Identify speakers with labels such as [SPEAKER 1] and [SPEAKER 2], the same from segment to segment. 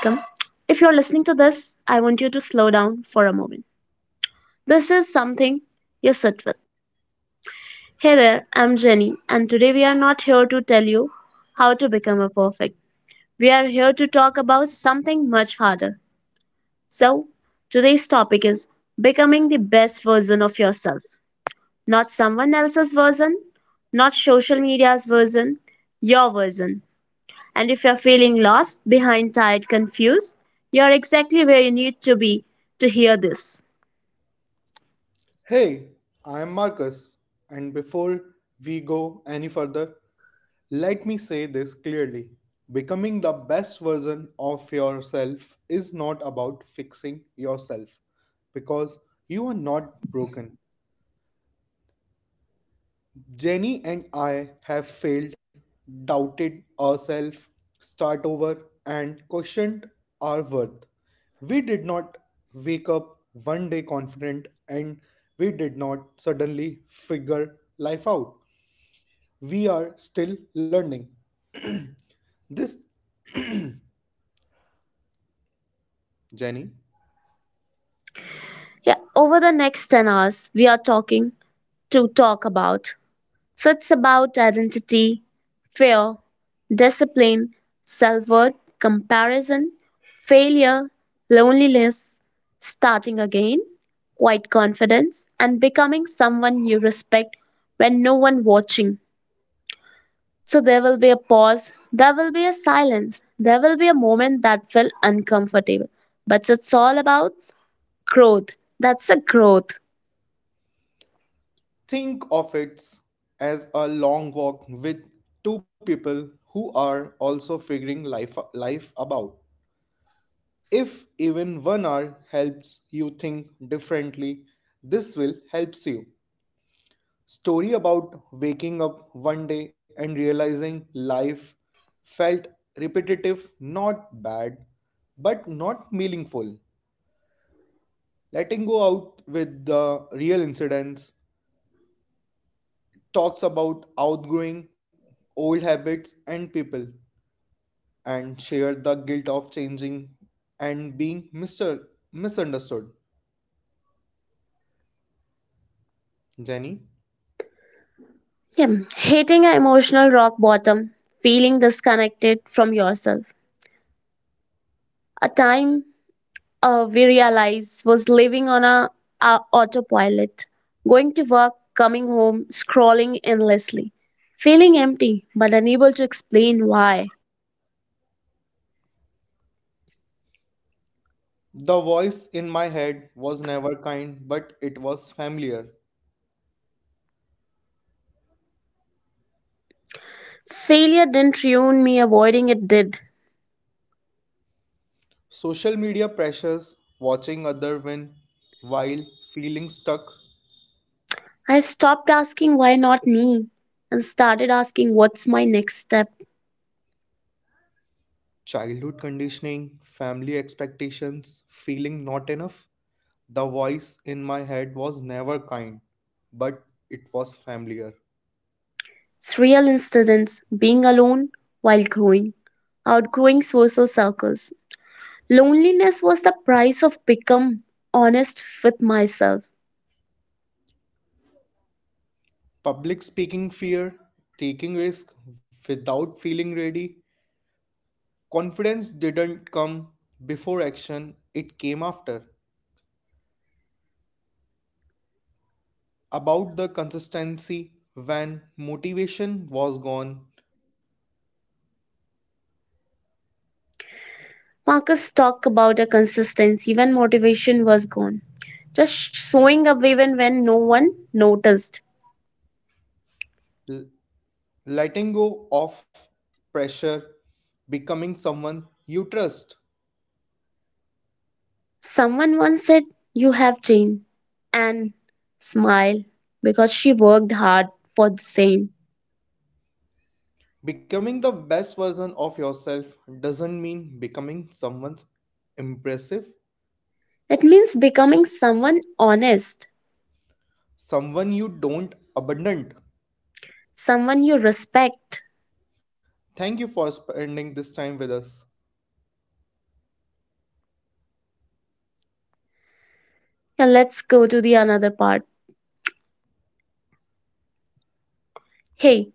[SPEAKER 1] If you're listening to this, I want you to slow down for a moment. This is something you sit with. Hey there, I'm Jenny, and today we are not here to tell you how to become a perfect. We are here to talk about something much harder. So, today's topic is becoming the best version of yourself. Not someone else's version, not social media's version, your version. And if you're feeling lost, behind, tired, confused, you're exactly where you need to be to hear this.
[SPEAKER 2] Hey, I am Marcus, and before we go any further, let me say this clearly. Becoming the best version of yourself is not about fixing yourself because you are not broken. Jenny and I have failed, doubted ourselves, start over, and questioned our worth. We did not wake up one day confident and we did not suddenly figure life out. We are still learning. This, Jenny,
[SPEAKER 1] Yeah, over the next 10 hours, we are talking to talk about. So it's about identity, fear, discipline, self worth, comparison, failure, loneliness, starting again, quiet confidence, and becoming someone you respect when no one watching. So there will be a pause, there will be a silence, there will be a moment that felt uncomfortable. But it's all about growth. That's a growth.
[SPEAKER 2] think of it as a long walk with two people who are also figuring life about. If even one hour helps you think differently, this will helps you. Story about waking up one day and realizing life felt repetitive, not bad, but not meaningful. Letting go out with the real incidents talks about outgrowing old habits and people and share the guilt of changing and being mister misunderstood. Jenny?
[SPEAKER 1] Yeah. Hitting an emotional rock bottom, feeling disconnected from yourself. A time we realize was living on a autopilot, going to work, coming home, scrolling endlessly, feeling empty but unable to explain why.
[SPEAKER 2] The voice in my head was never kind, but it was familiar.
[SPEAKER 1] Failure didn't ruin me, avoiding it did.
[SPEAKER 2] Social media pressures, watching other win while feeling stuck,
[SPEAKER 1] I stopped asking why not me and started asking what's my next step.
[SPEAKER 2] childhood conditioning, family expectations, feeling not enough. The voice in my head was never kind, but it was familiar.
[SPEAKER 1] It's real incidents, being alone while growing, outgrowing social circles. Loneliness was the price of become honest with myself.
[SPEAKER 2] Public speaking fear, taking risk without feeling ready. Confidence didn't come before action, it came after. About the consistency when motivation was gone,
[SPEAKER 1] Marcus talked about a consistency when motivation was gone, just showing up even when no one noticed.
[SPEAKER 2] l- letting go of pressure, becoming someone you trust.
[SPEAKER 1] Someone once said, You have changed, and smile because she worked hard for the same.
[SPEAKER 2] Becoming the best version of yourself doesn't mean becoming someone's impressive,
[SPEAKER 1] It means becoming someone honest,
[SPEAKER 2] someone you don't abandon.
[SPEAKER 1] someone you respect.
[SPEAKER 2] Thank you for spending this time with us.
[SPEAKER 1] Now let's go to the another part. Hey,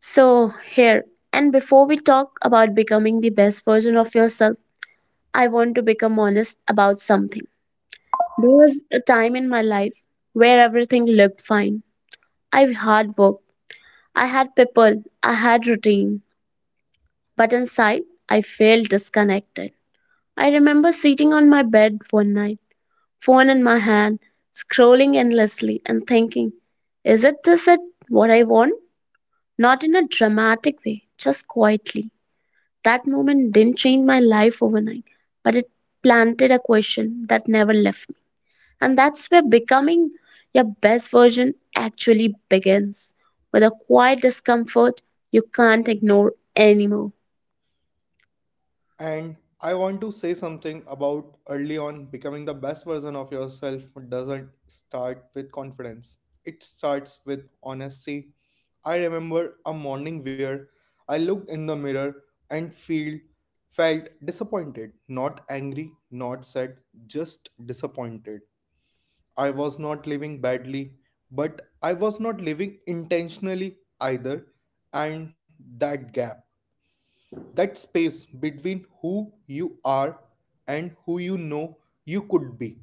[SPEAKER 1] so here, and before we talk about becoming the best version of yourself, I want to become honest about something. There was a time in my life where everything looked fine. I hard worked, I had people, I had routine, but inside I felt disconnected. I remember sitting on my bed one night phone in my hand, scrolling endlessly and thinking, is it this it what I want? Not in a dramatic way, just quietly. That moment didn't change my life overnight, but it planted a question that never left me. And that's where becoming your best version actually begins with a quiet discomfort you can't ignore anymore.
[SPEAKER 2] And I want to say something about early on becoming the best version of yourself doesn't start with confidence. It starts with honesty. I remember a morning where I looked in the mirror and feel felt disappointed, not angry, not sad, just disappointed. I was not living badly, but I was not living intentionally either, and that gap, that space between who you are and who you know you could be.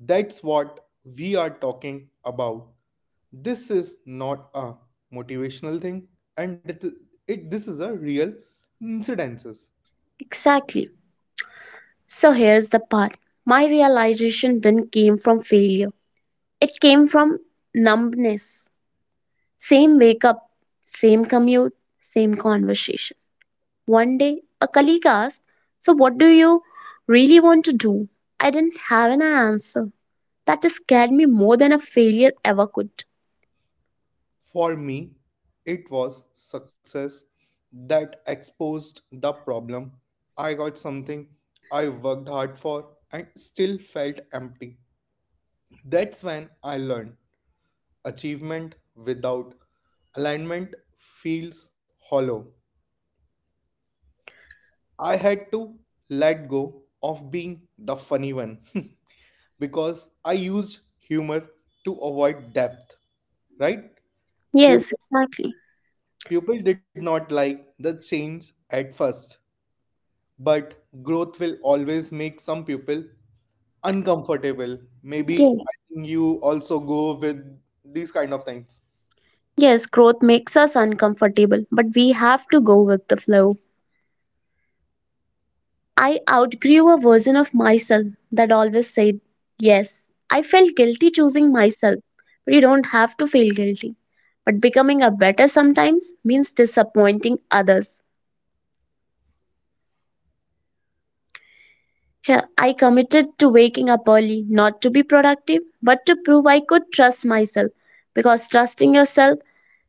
[SPEAKER 2] That's what we are talking about. This is not a motivational thing and it this is a real incidences.
[SPEAKER 1] Exactly. So here's the part. My realization didn't came from failure. It came from numbness. Same wake up, same commute, same conversation. One day, a colleague asked, So, what do you really want to do? I didn't have an answer. That scared me more than a failure ever could.
[SPEAKER 2] For me, it was success that exposed the problem. I got something I worked hard for and still felt empty. That's when I learned achievement without alignment feels hollow. I had to let go of being the funny one because I used humor to avoid depth, right?
[SPEAKER 1] Yes,
[SPEAKER 2] People,
[SPEAKER 1] exactly.
[SPEAKER 2] people did not like the change at first, but growth will always make some people uncomfortable. Maybe
[SPEAKER 1] Yeah.
[SPEAKER 2] I think you also go with these kind of things.
[SPEAKER 1] Yes, growth makes us uncomfortable, but we have to go with the flow. I outgrew a version of myself that always said yes. I felt guilty choosing myself, but you don't have to feel guilty. But becoming a better sometimes means disappointing others. Here, I committed to waking up early, not to be productive, but to prove I could trust myself, because trusting yourself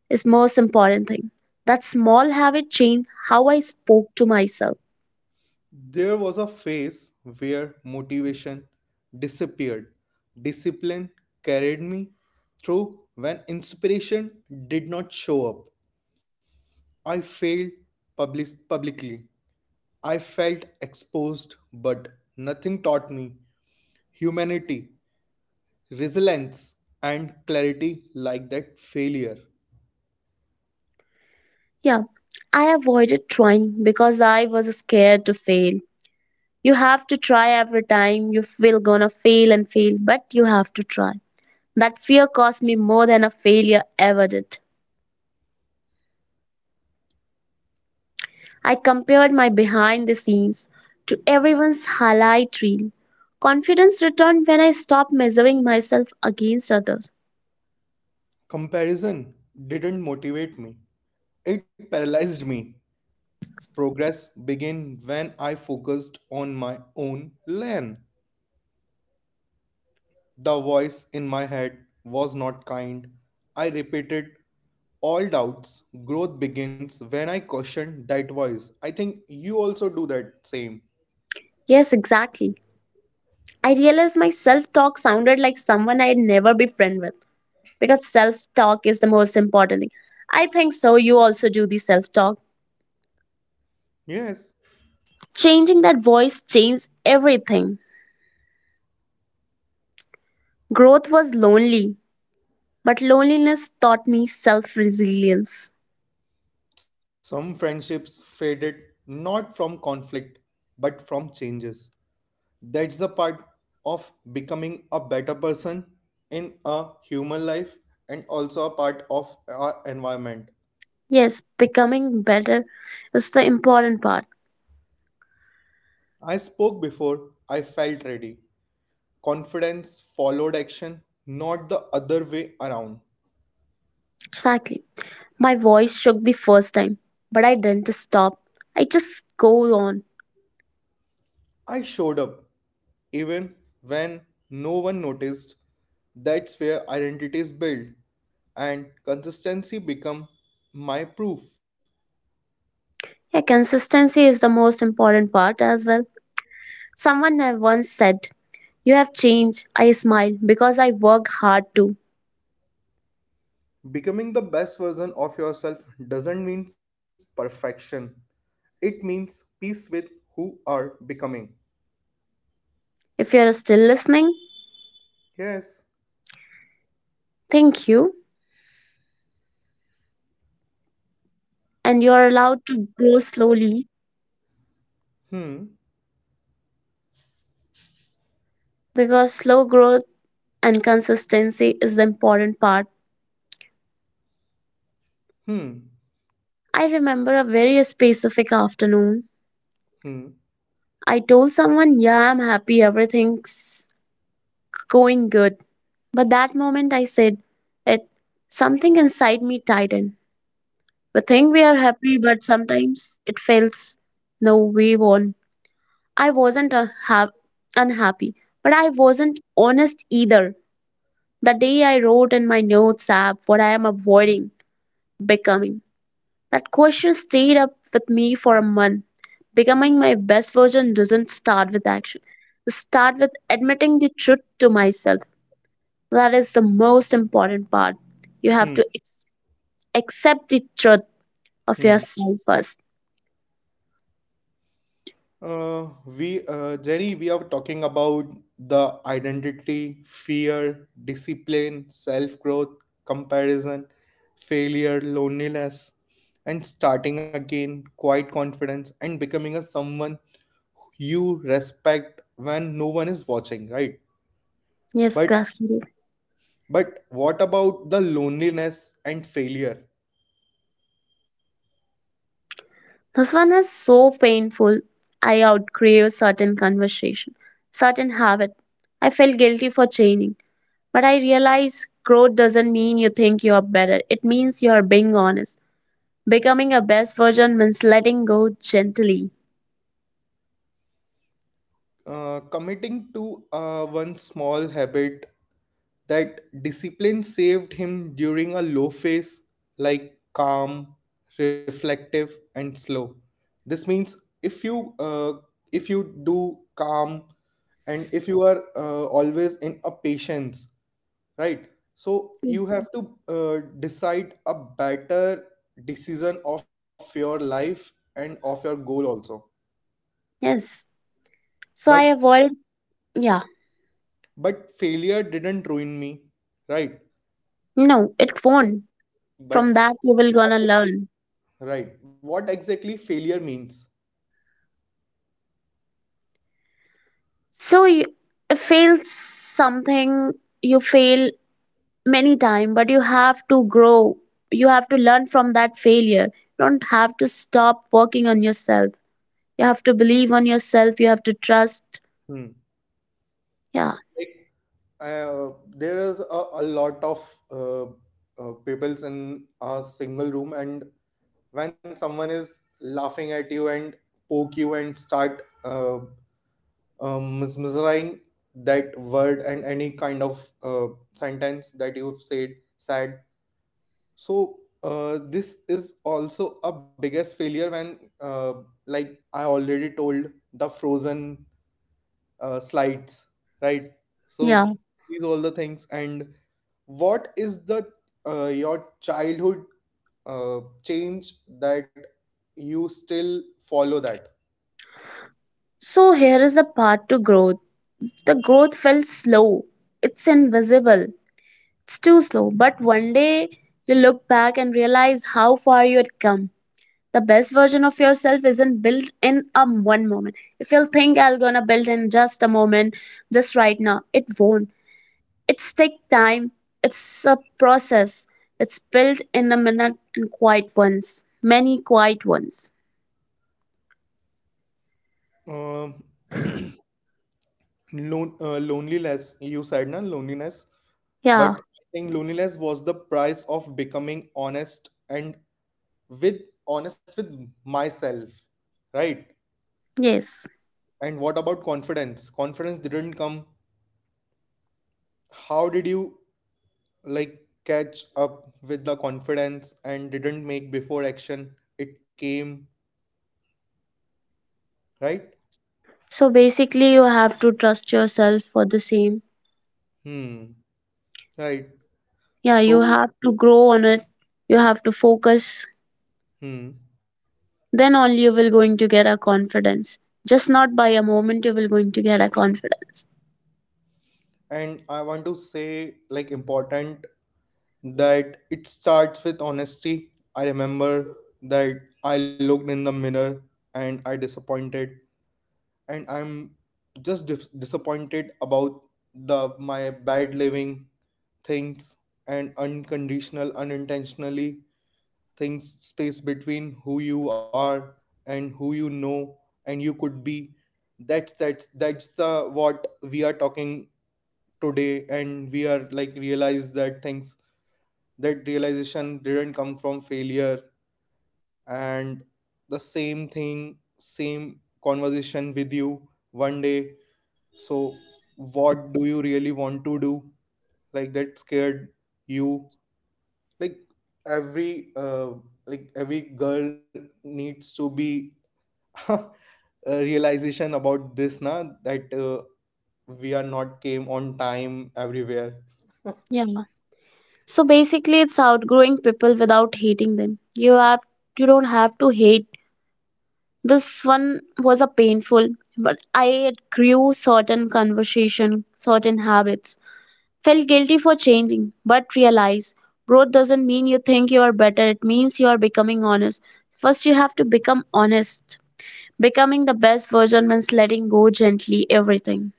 [SPEAKER 1] is most important thing. That small habit changed how I spoke to myself.
[SPEAKER 2] There was a phase where motivation disappeared. Discipline carried me through when inspiration did not show up. I failed publicly. I felt exposed, but nothing taught me humanity, resilience, and clarity like that failure.
[SPEAKER 1] Yeah, I avoided trying because I was scared to fail. You have to try every time. You will gonna fail and fail, but you have to try. That fear cost me more than a failure ever did. I compared my behind the scenes to everyone's highlight reel. Confidence returned when I stopped measuring myself against others.
[SPEAKER 2] Comparison didn't motivate me, it paralyzed me. Progress began when I focused on my own lane. The voice in my head was not kind. I repeated all doubts. Growth begins when I question that voice. I think you also do that same.
[SPEAKER 1] Yes, exactly. I realized my self talk sounded like someone I'd never be friend with because self talk is the most important thing. I think so. You also do the self talk.
[SPEAKER 2] Yes.
[SPEAKER 1] Changing that voice changed everything. Growth was lonely, but loneliness taught me self resilience.
[SPEAKER 2] Some friendships faded not from conflict but from changes. That's the part of becoming a better person in a human life and also a part of our environment.
[SPEAKER 1] Yes, becoming better is the important part.
[SPEAKER 2] I spoke before I felt ready. Confidence followed action, not the other way around.
[SPEAKER 1] Exactly. My voice shook the first time, but I didn't stop. I just go on.
[SPEAKER 2] I showed up even when no one noticed. That's where identity is built and consistency become my proof.
[SPEAKER 1] Yeah, consistency is the most important part as well. Someone had once said, You have changed. I smile because I work hard too.
[SPEAKER 2] Becoming the best version of yourself doesn't mean perfection. It means peace with who are becoming.
[SPEAKER 1] If you're still listening,
[SPEAKER 2] Yes.
[SPEAKER 1] thank you. And you're allowed to grow slowly
[SPEAKER 2] Hmm.
[SPEAKER 1] because slow growth and consistency is the important part.
[SPEAKER 2] Hmm.
[SPEAKER 1] I remember a very specific afternoon.
[SPEAKER 2] Hmm.
[SPEAKER 1] I told someone, Yeah, I'm happy, everything's going good. But that moment I said it, something inside me tightened. We think we are happy, but sometimes it feels no, we won't. I wasn't unhappy, but I wasn't honest either. The day I wrote in my notes app what I am avoiding becoming. That question stayed up with me for a month. Becoming my best version doesn't start with action. It starts with admitting the truth to myself. That is the most important part. You have
[SPEAKER 2] Hmm.
[SPEAKER 1] to accept the truth of
[SPEAKER 2] Hmm.
[SPEAKER 1] yourself first.
[SPEAKER 2] Jerry, we are talking about the identity, fear, discipline, self growth, comparison, failure, loneliness, and starting again, quiet confidence, and becoming a someone you respect when no one is watching, right?
[SPEAKER 1] Yes,
[SPEAKER 2] But
[SPEAKER 1] Kaskiri.
[SPEAKER 2] what about the loneliness and failure?
[SPEAKER 1] This one is so painful. I outgrew certain conversation, certain habit. I felt guilty for changing. But I realized growth doesn't mean you think you are better. It means you are being honest. Becoming a best version means letting go gently.
[SPEAKER 2] Committing to one small habit that discipline saved him during a low phase, like calm, reflective and slow. This means if you uh, if you do calm, and if you are always in a patience, right? So you have to decide a better decision of your life and of your goal also.
[SPEAKER 1] Yes. So I
[SPEAKER 2] But
[SPEAKER 1] avoided, yeah,
[SPEAKER 2] failure didn't ruin me, right?
[SPEAKER 1] no, it won't. From
[SPEAKER 2] But
[SPEAKER 1] that, you will gonna learn.
[SPEAKER 2] right. What exactly failure means?
[SPEAKER 1] So you fail something, you fail many time, but you have to grow. You have to learn from that failure. You don't have to stop working on yourself. You have to believe on yourself. You have to trust.
[SPEAKER 2] Hmm.
[SPEAKER 1] Yeah,
[SPEAKER 2] Like, there is a lot of uh, peoples in a single room, and when someone is laughing at you and poke you and start mesmerizing that word and any kind of sentence that you've said. So this is also a biggest failure when, like I already told, the frozen slides, right?
[SPEAKER 1] yeah.
[SPEAKER 2] So these all the things. And what is the your childhood change that you still follow that?
[SPEAKER 1] So here is a part to growth. The growth felt slow. It's invisible. It's too slow, but one day you look back and realize how far you had come. The best version of yourself isn't built in a one moment. If you think I'm gonna build in just a moment, just right now, it won't. It's take time. It's a process. It's built in a minute and quiet ones, many quiet ones.
[SPEAKER 2] Um loneliness. You said na loneliness,
[SPEAKER 1] Yeah.
[SPEAKER 2] but I think loneliness was the price of becoming honest and with honest with myself, right?
[SPEAKER 1] Yes.
[SPEAKER 2] And what about confidence? Confidence didn't come. How did you like catch up with the confidence and didn't make before action it came, right?
[SPEAKER 1] So basically, you have to trust yourself for the same.
[SPEAKER 2] Hmm. Right.
[SPEAKER 1] Yeah, you
[SPEAKER 2] So
[SPEAKER 1] have to grow on it. You have to focus,
[SPEAKER 2] hmm.
[SPEAKER 1] then only you will going to get a confidence. Just not by a moment you will going to get a confidence.
[SPEAKER 2] And I want to say like important that it starts with honesty. I remember that I looked in the mirror and I disappointed, and I'm just disappointed about the my bad living things and unconditional unintentionally things, space between who you are and who you know and you could be. That's the what we are talking today, and we are like realize that things, that realization didn't come from failure. And the same thing, same conversation with you one day. So what do you really want to do? Like that scared you, like every uh, like every girl needs to be a realization about this na, that we are not came on time everywhere.
[SPEAKER 1] Yeah, so basically it's outgrowing people without hating them. You don't have to hate. This one was a painful, but I grew certain conversation, certain habits, felt guilty for changing, but realize growth doesn't mean you think you are better. It means you are becoming honest. First you have to become honest. Becoming the best version means letting go gently everything.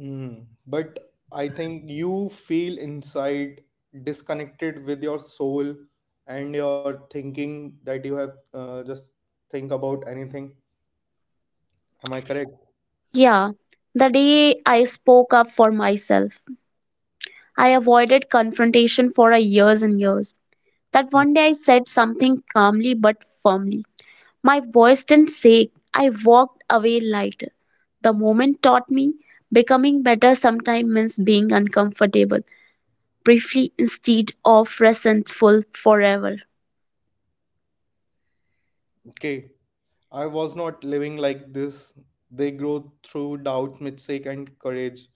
[SPEAKER 2] Mm. But I think you feel inside disconnected with your soul and your thinking that you have just think about anything. Am I correct?
[SPEAKER 1] Yeah, the day I spoke up for myself. I avoided confrontation for a years and years. That
[SPEAKER 2] Mm.
[SPEAKER 1] one day I said something calmly but firmly. My voice didn't shake. I walked away lighter. The moment taught me becoming better sometimes means being uncomfortable briefly instead of resentful forever.
[SPEAKER 2] Okay. I was not living like this. They grow through doubt, mistake, and courage.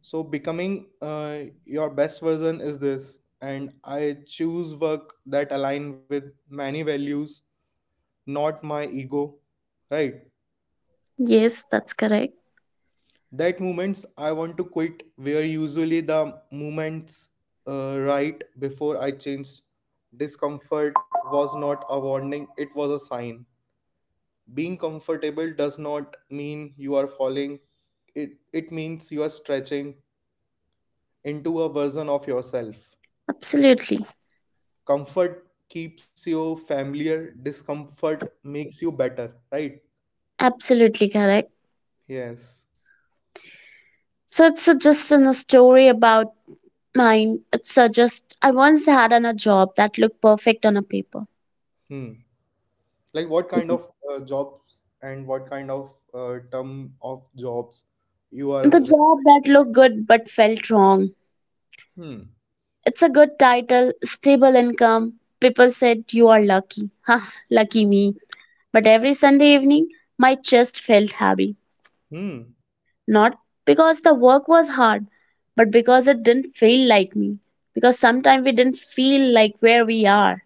[SPEAKER 2] So becoming your best version is this, and I choose work that align with many values, not my ego. Right?
[SPEAKER 1] Yes, that's correct.
[SPEAKER 2] That moments I want to quit were usually the moments right before I changed. Discomfort was not a warning; it was a sign. Being comfortable does not mean you are falling. It it means you are stretching into a version of yourself.
[SPEAKER 1] Absolutely.
[SPEAKER 2] Comfort keeps you familiar, discomfort makes you better, right?
[SPEAKER 1] Absolutely correct.
[SPEAKER 2] Yes.
[SPEAKER 1] So it's a, just in a story about Mine. Mind suggests I once had on a job that looked perfect on a paper.
[SPEAKER 2] Hmm. Like what kind of jobs and what kind of term of jobs you are?
[SPEAKER 1] The job that looked good but felt wrong.
[SPEAKER 2] Hmm.
[SPEAKER 1] It's a good title, stable income. People said you are lucky. Ha, lucky me. But every Sunday evening, my chest felt heavy.
[SPEAKER 2] Hmm.
[SPEAKER 1] Not because the work was hard, but because it didn't feel like me. Because sometimes we didn't feel like where we are.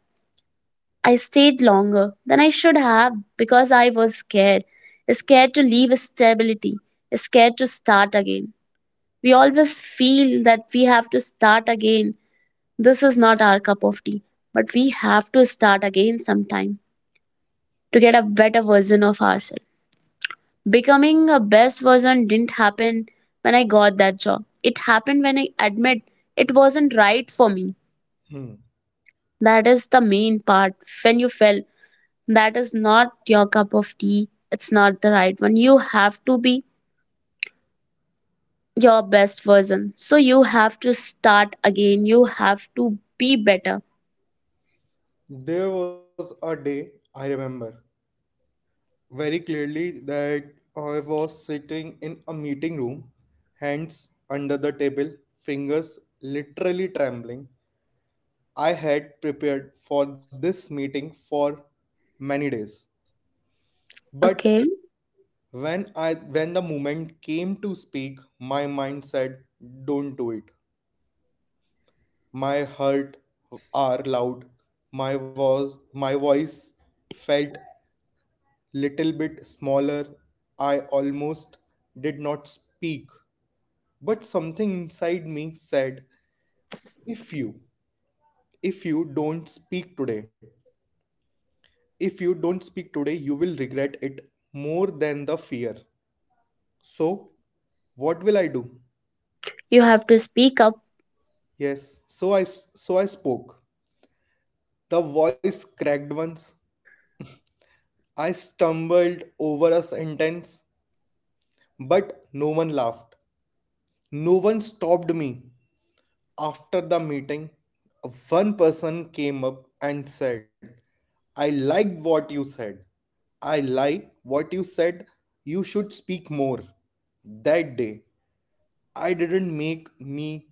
[SPEAKER 1] I stayed longer than I should have because I was scared. Scared to leave stability, scared to start again. We always feel that we have to start again. This is not our cup of tea, but we have to start again sometime to get a better version of ourselves. Becoming a best version didn't happen when I got that job. It happened when I admit it wasn't right for me.
[SPEAKER 2] Hmm.
[SPEAKER 1] That is the main part when you fail that is not your cup of tea. It's not the right one. You have to be your best version. So you have to start again. You have to be better.
[SPEAKER 2] There was a day I remember very clearly that I was sitting in a meeting room, hands under the table, fingers literally trembling. I had prepared for this meeting for many days. But
[SPEAKER 1] Okay.
[SPEAKER 2] when the moment came to speak, my mind said, "Don't do it." My heart are loud. My voice felt little bit smaller. I almost did not speak. But something inside me said, "If you don't speak today, you will regret it more than the fear." So, what will I do?
[SPEAKER 1] You have to speak up.
[SPEAKER 2] Yes, so I spoke. The voice cracked once. I stumbled over a sentence, but no one laughed. No one stopped me. After the meeting, one person came up and said, "I liked what you said. I like what you said. You should speak more." That day, I didn't make me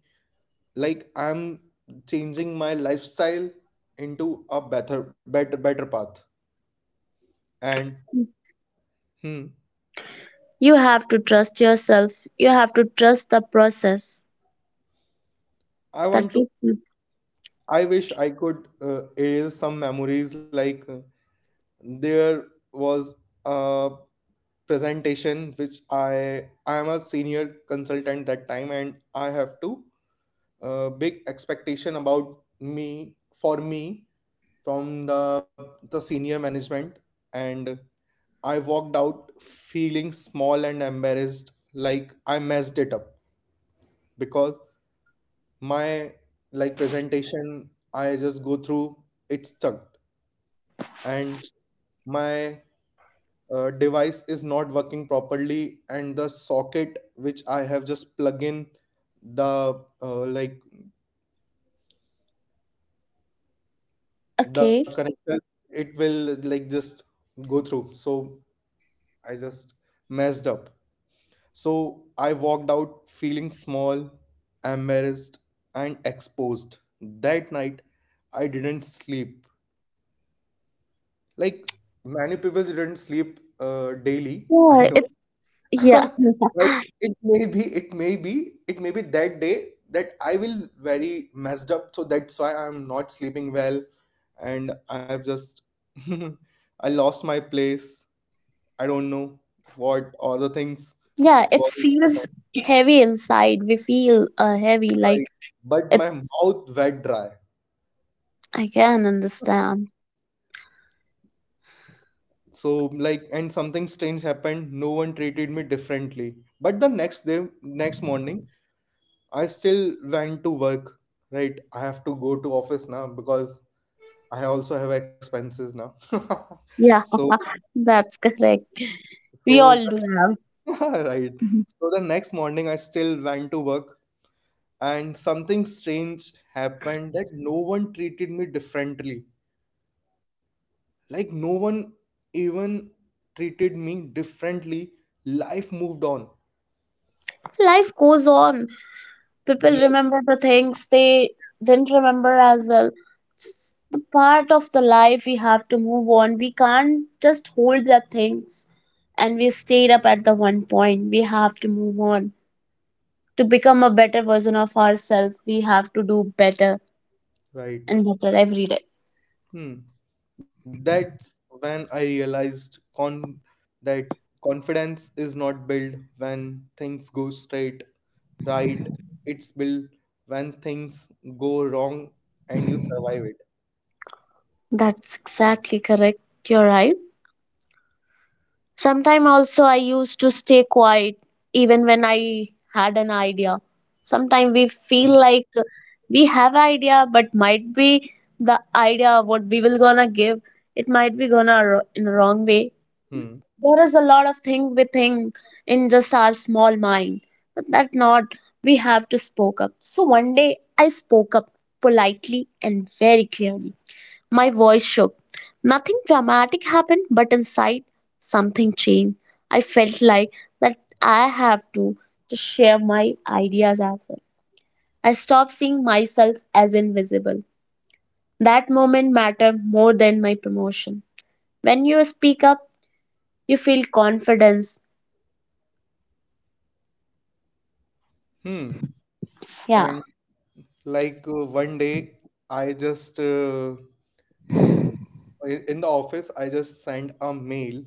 [SPEAKER 2] like I'm changing my lifestyle into a better path and hmm,
[SPEAKER 1] You have to trust yourself. You have to trust the process.
[SPEAKER 2] I
[SPEAKER 1] That
[SPEAKER 2] want to
[SPEAKER 1] gets me.
[SPEAKER 2] I wish I could erase some memories, like there was a presentation which I am a senior consultant that time and I have to big expectation about me for me from the senior management, and I walked out feeling small and embarrassed, like I messed it up, because my like presentation I just go through it's stuck and my device is not working properly, and the socket which I have just plug in the like the
[SPEAKER 1] Okay.
[SPEAKER 2] connectors, it will like just go through. So I just messed up. So I walked out feeling small, embarrassed, and exposed. That night, I didn't sleep. Like many people didn't sleep daily. I
[SPEAKER 1] Yeah.
[SPEAKER 2] know.
[SPEAKER 1] It. Yeah.
[SPEAKER 2] Like it may be, that day that I will very messed up. So that's why I'm not sleeping well, and I've just I lost my place. I don't know what other things
[SPEAKER 1] Yeah. It
[SPEAKER 2] got.
[SPEAKER 1] feels heavy inside. We feel heavy. Like
[SPEAKER 2] Right. But my
[SPEAKER 1] it's.
[SPEAKER 2] mouth wet dry.
[SPEAKER 1] I can understand.
[SPEAKER 2] So like, and something strange happened. No one treated me differently. But the next day, next morning, I still went to work. Right. I have to go to office now because I also have expenses now.
[SPEAKER 1] Yeah.
[SPEAKER 2] So,
[SPEAKER 1] That's correct. We
[SPEAKER 2] so
[SPEAKER 1] all do. Have
[SPEAKER 2] right.
[SPEAKER 1] Mhm.
[SPEAKER 2] So the next morning, I still went to work, and something strange happened that no one treated me differently. Like no one even treated me differently. Life moved on,
[SPEAKER 1] Life goes on. People
[SPEAKER 2] like,
[SPEAKER 1] remember the things they didn't remember as well. It's the part of the life we have to move on. We can't just hold the things and we stayed up at the one point. We have to move on. To become a better version of ourselves, we have to do better and
[SPEAKER 2] right.
[SPEAKER 1] better every day.
[SPEAKER 2] Hmm. That's when I realized con that confidence is not built when things go straight, right? It's built when things go wrong and you survive it.
[SPEAKER 1] That's exactly correct. You're right. Sometimes also I used to stay quiet even when I had an idea. Sometimes we
[SPEAKER 2] Hmm.
[SPEAKER 1] feel like we have idea, but might be the idea what we will gonna give, it might be gonna in a wrong way.
[SPEAKER 2] Hmm.
[SPEAKER 1] There is a lot of thing we think in just our small mind, but that not we have to spoke up. So one day I spoke up politely and very clearly. My voice shook. Nothing dramatic happened, but inside something changed. I felt like that I have to just share my ideas as well. I stopped seeing myself as invisible. That moment mattered more than my promotion. When you speak up, you feel confidence.
[SPEAKER 2] Hmm.
[SPEAKER 1] Yeah.
[SPEAKER 2] And like one day, I just in the office, I just sent a mail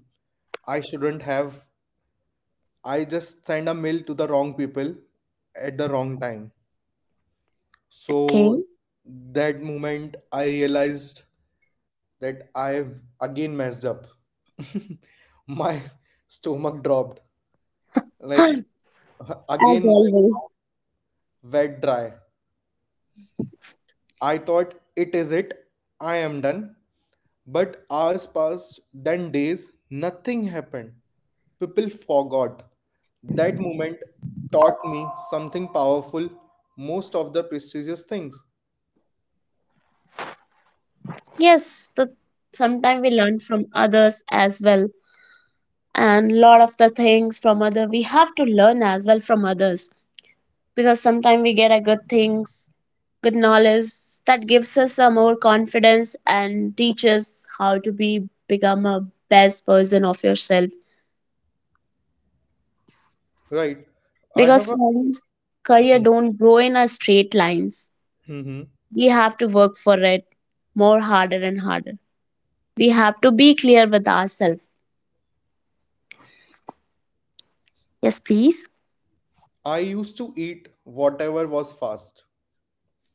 [SPEAKER 2] I shouldn't have. I just sent a mail to the wrong people at the wrong time.
[SPEAKER 1] Okay.
[SPEAKER 2] So that moment I realized that I've again messed up. My stomach dropped. Like
[SPEAKER 1] as
[SPEAKER 2] again my
[SPEAKER 1] always.
[SPEAKER 2] wet dry. I thought it is it. I am done. But hours passed, then days, nothing happened. People forgot. That moment taught me something powerful, most of the prestigious things.
[SPEAKER 1] Yes, the sometimes we learn from others as well. And lot of the things from other we have to learn as well from others. Because sometimes we get a good things, good knowledge that gives us a more confidence and teaches how to be become a best version of yourself.
[SPEAKER 2] Right. I have
[SPEAKER 1] Because
[SPEAKER 2] a.
[SPEAKER 1] careers,
[SPEAKER 2] Hmm.
[SPEAKER 1] career don't grow in a straight lines.
[SPEAKER 2] Hmm, hmm.
[SPEAKER 1] We have to work for it more harder and harder. We have to be clear with ourselves. Yes, please.
[SPEAKER 2] I used to eat whatever was fast.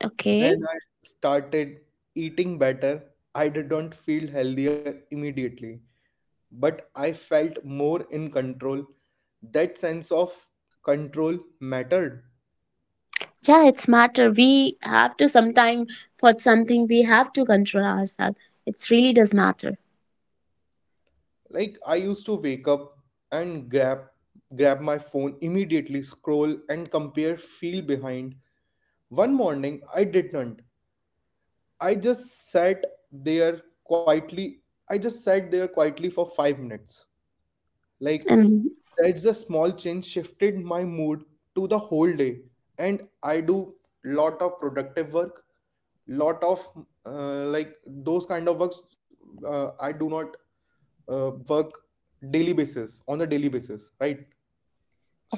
[SPEAKER 1] Okay.
[SPEAKER 2] When I started eating better, I didn't feel healthier immediately, but I felt more in control. That sense of control mattered.
[SPEAKER 1] Yeah, it's matter. We have to sometime for something we have to control ourselves. It really does matter.
[SPEAKER 2] Like I used to wake up and grab my phone immediately, scroll and compare feel behind. One morning I didn't. I just sat there quietly. I just sat there quietly for 5 minutes. Like
[SPEAKER 1] And
[SPEAKER 2] that's the small change shifted my mood to the whole day, and I do lot of productive work, lot of like those kind of works, I do not work daily basis on a daily basis, right?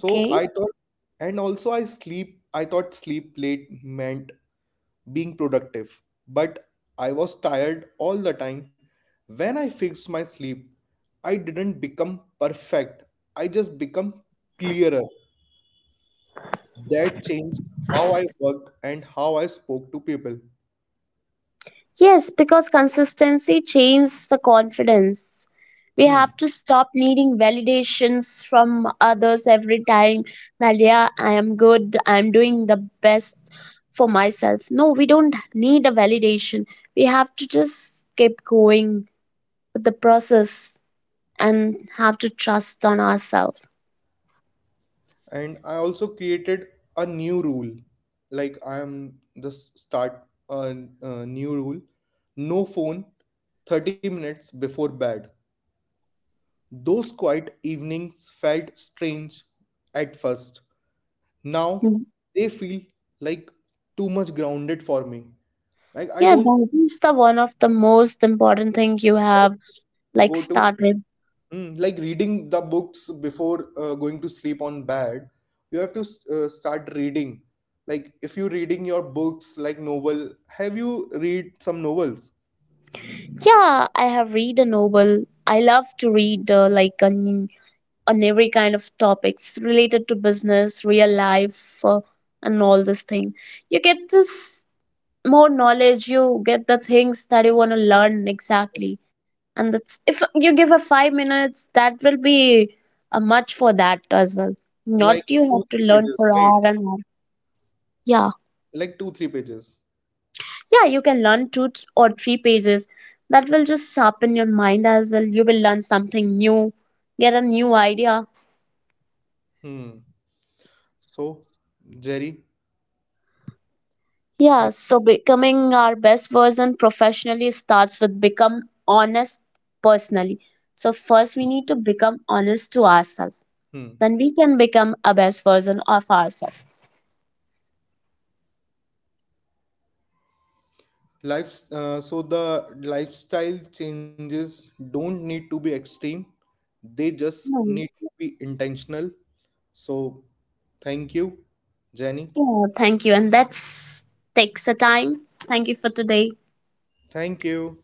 [SPEAKER 2] So I thought. And also I sleep I thought sleep late meant being productive, but I was tired all the time. When I fixed my sleep, I didn't become perfect, I just become clearer. That changed how I worked and how I spoke to people.
[SPEAKER 1] Yes, because consistency changes the confidence. We
[SPEAKER 2] Hmm.
[SPEAKER 1] have to stop needing validations from others every time that, yeah, I am good, I am doing the best for myself. No, we don't need a validation. We have to just keep going with the process and have to trust on ourselves.
[SPEAKER 2] And I also created a new rule, like I am just a new rule, no phone 30 minutes before bed. Those quiet evenings felt strange at first, now
[SPEAKER 1] Mm.
[SPEAKER 2] they feel like too much grounded for me. Like I
[SPEAKER 1] Yeah,
[SPEAKER 2] don't
[SPEAKER 1] that is the one of the most important thing you have
[SPEAKER 2] even go
[SPEAKER 1] like
[SPEAKER 2] to
[SPEAKER 1] started.
[SPEAKER 2] Mm, like reading the books before going to sleep on bed, you have to start reading. Like if you're reading your books, like novel, have you read some novels?
[SPEAKER 1] Yeah, I have read a novel. I love to read like on every kind of topics related to business, real life, and all this thing. You get this more knowledge. You get the things that you want to learn exactly, and that's if you give a 5 minutes, that will be much for that as well.
[SPEAKER 2] Like
[SPEAKER 1] Not you
[SPEAKER 2] two,
[SPEAKER 1] have to
[SPEAKER 2] three
[SPEAKER 1] learn
[SPEAKER 2] pages,
[SPEAKER 1] for
[SPEAKER 2] right?
[SPEAKER 1] hour and hour. Yeah.
[SPEAKER 2] Like two, three pages.
[SPEAKER 1] Yeah, you can learn two or three pages that will just sharpen your mind as well. You will learn something new, get a new idea.
[SPEAKER 2] Hmm. So, Jerry,
[SPEAKER 1] Yeah,
[SPEAKER 2] thank
[SPEAKER 1] so becoming our best version professionally starts with become honest personally. So first
[SPEAKER 2] you.
[SPEAKER 1] we need to become honest to ourselves,
[SPEAKER 2] Hmm.
[SPEAKER 1] then we can become a best version of ourselves.
[SPEAKER 2] So the lifestyle changes don't need to be extreme. They just
[SPEAKER 1] Hmm.
[SPEAKER 2] need to be intentional. So, thank you, Jenny.
[SPEAKER 1] Yeah, thank you, and that's takes a time. Thank you for today.
[SPEAKER 2] Thank you.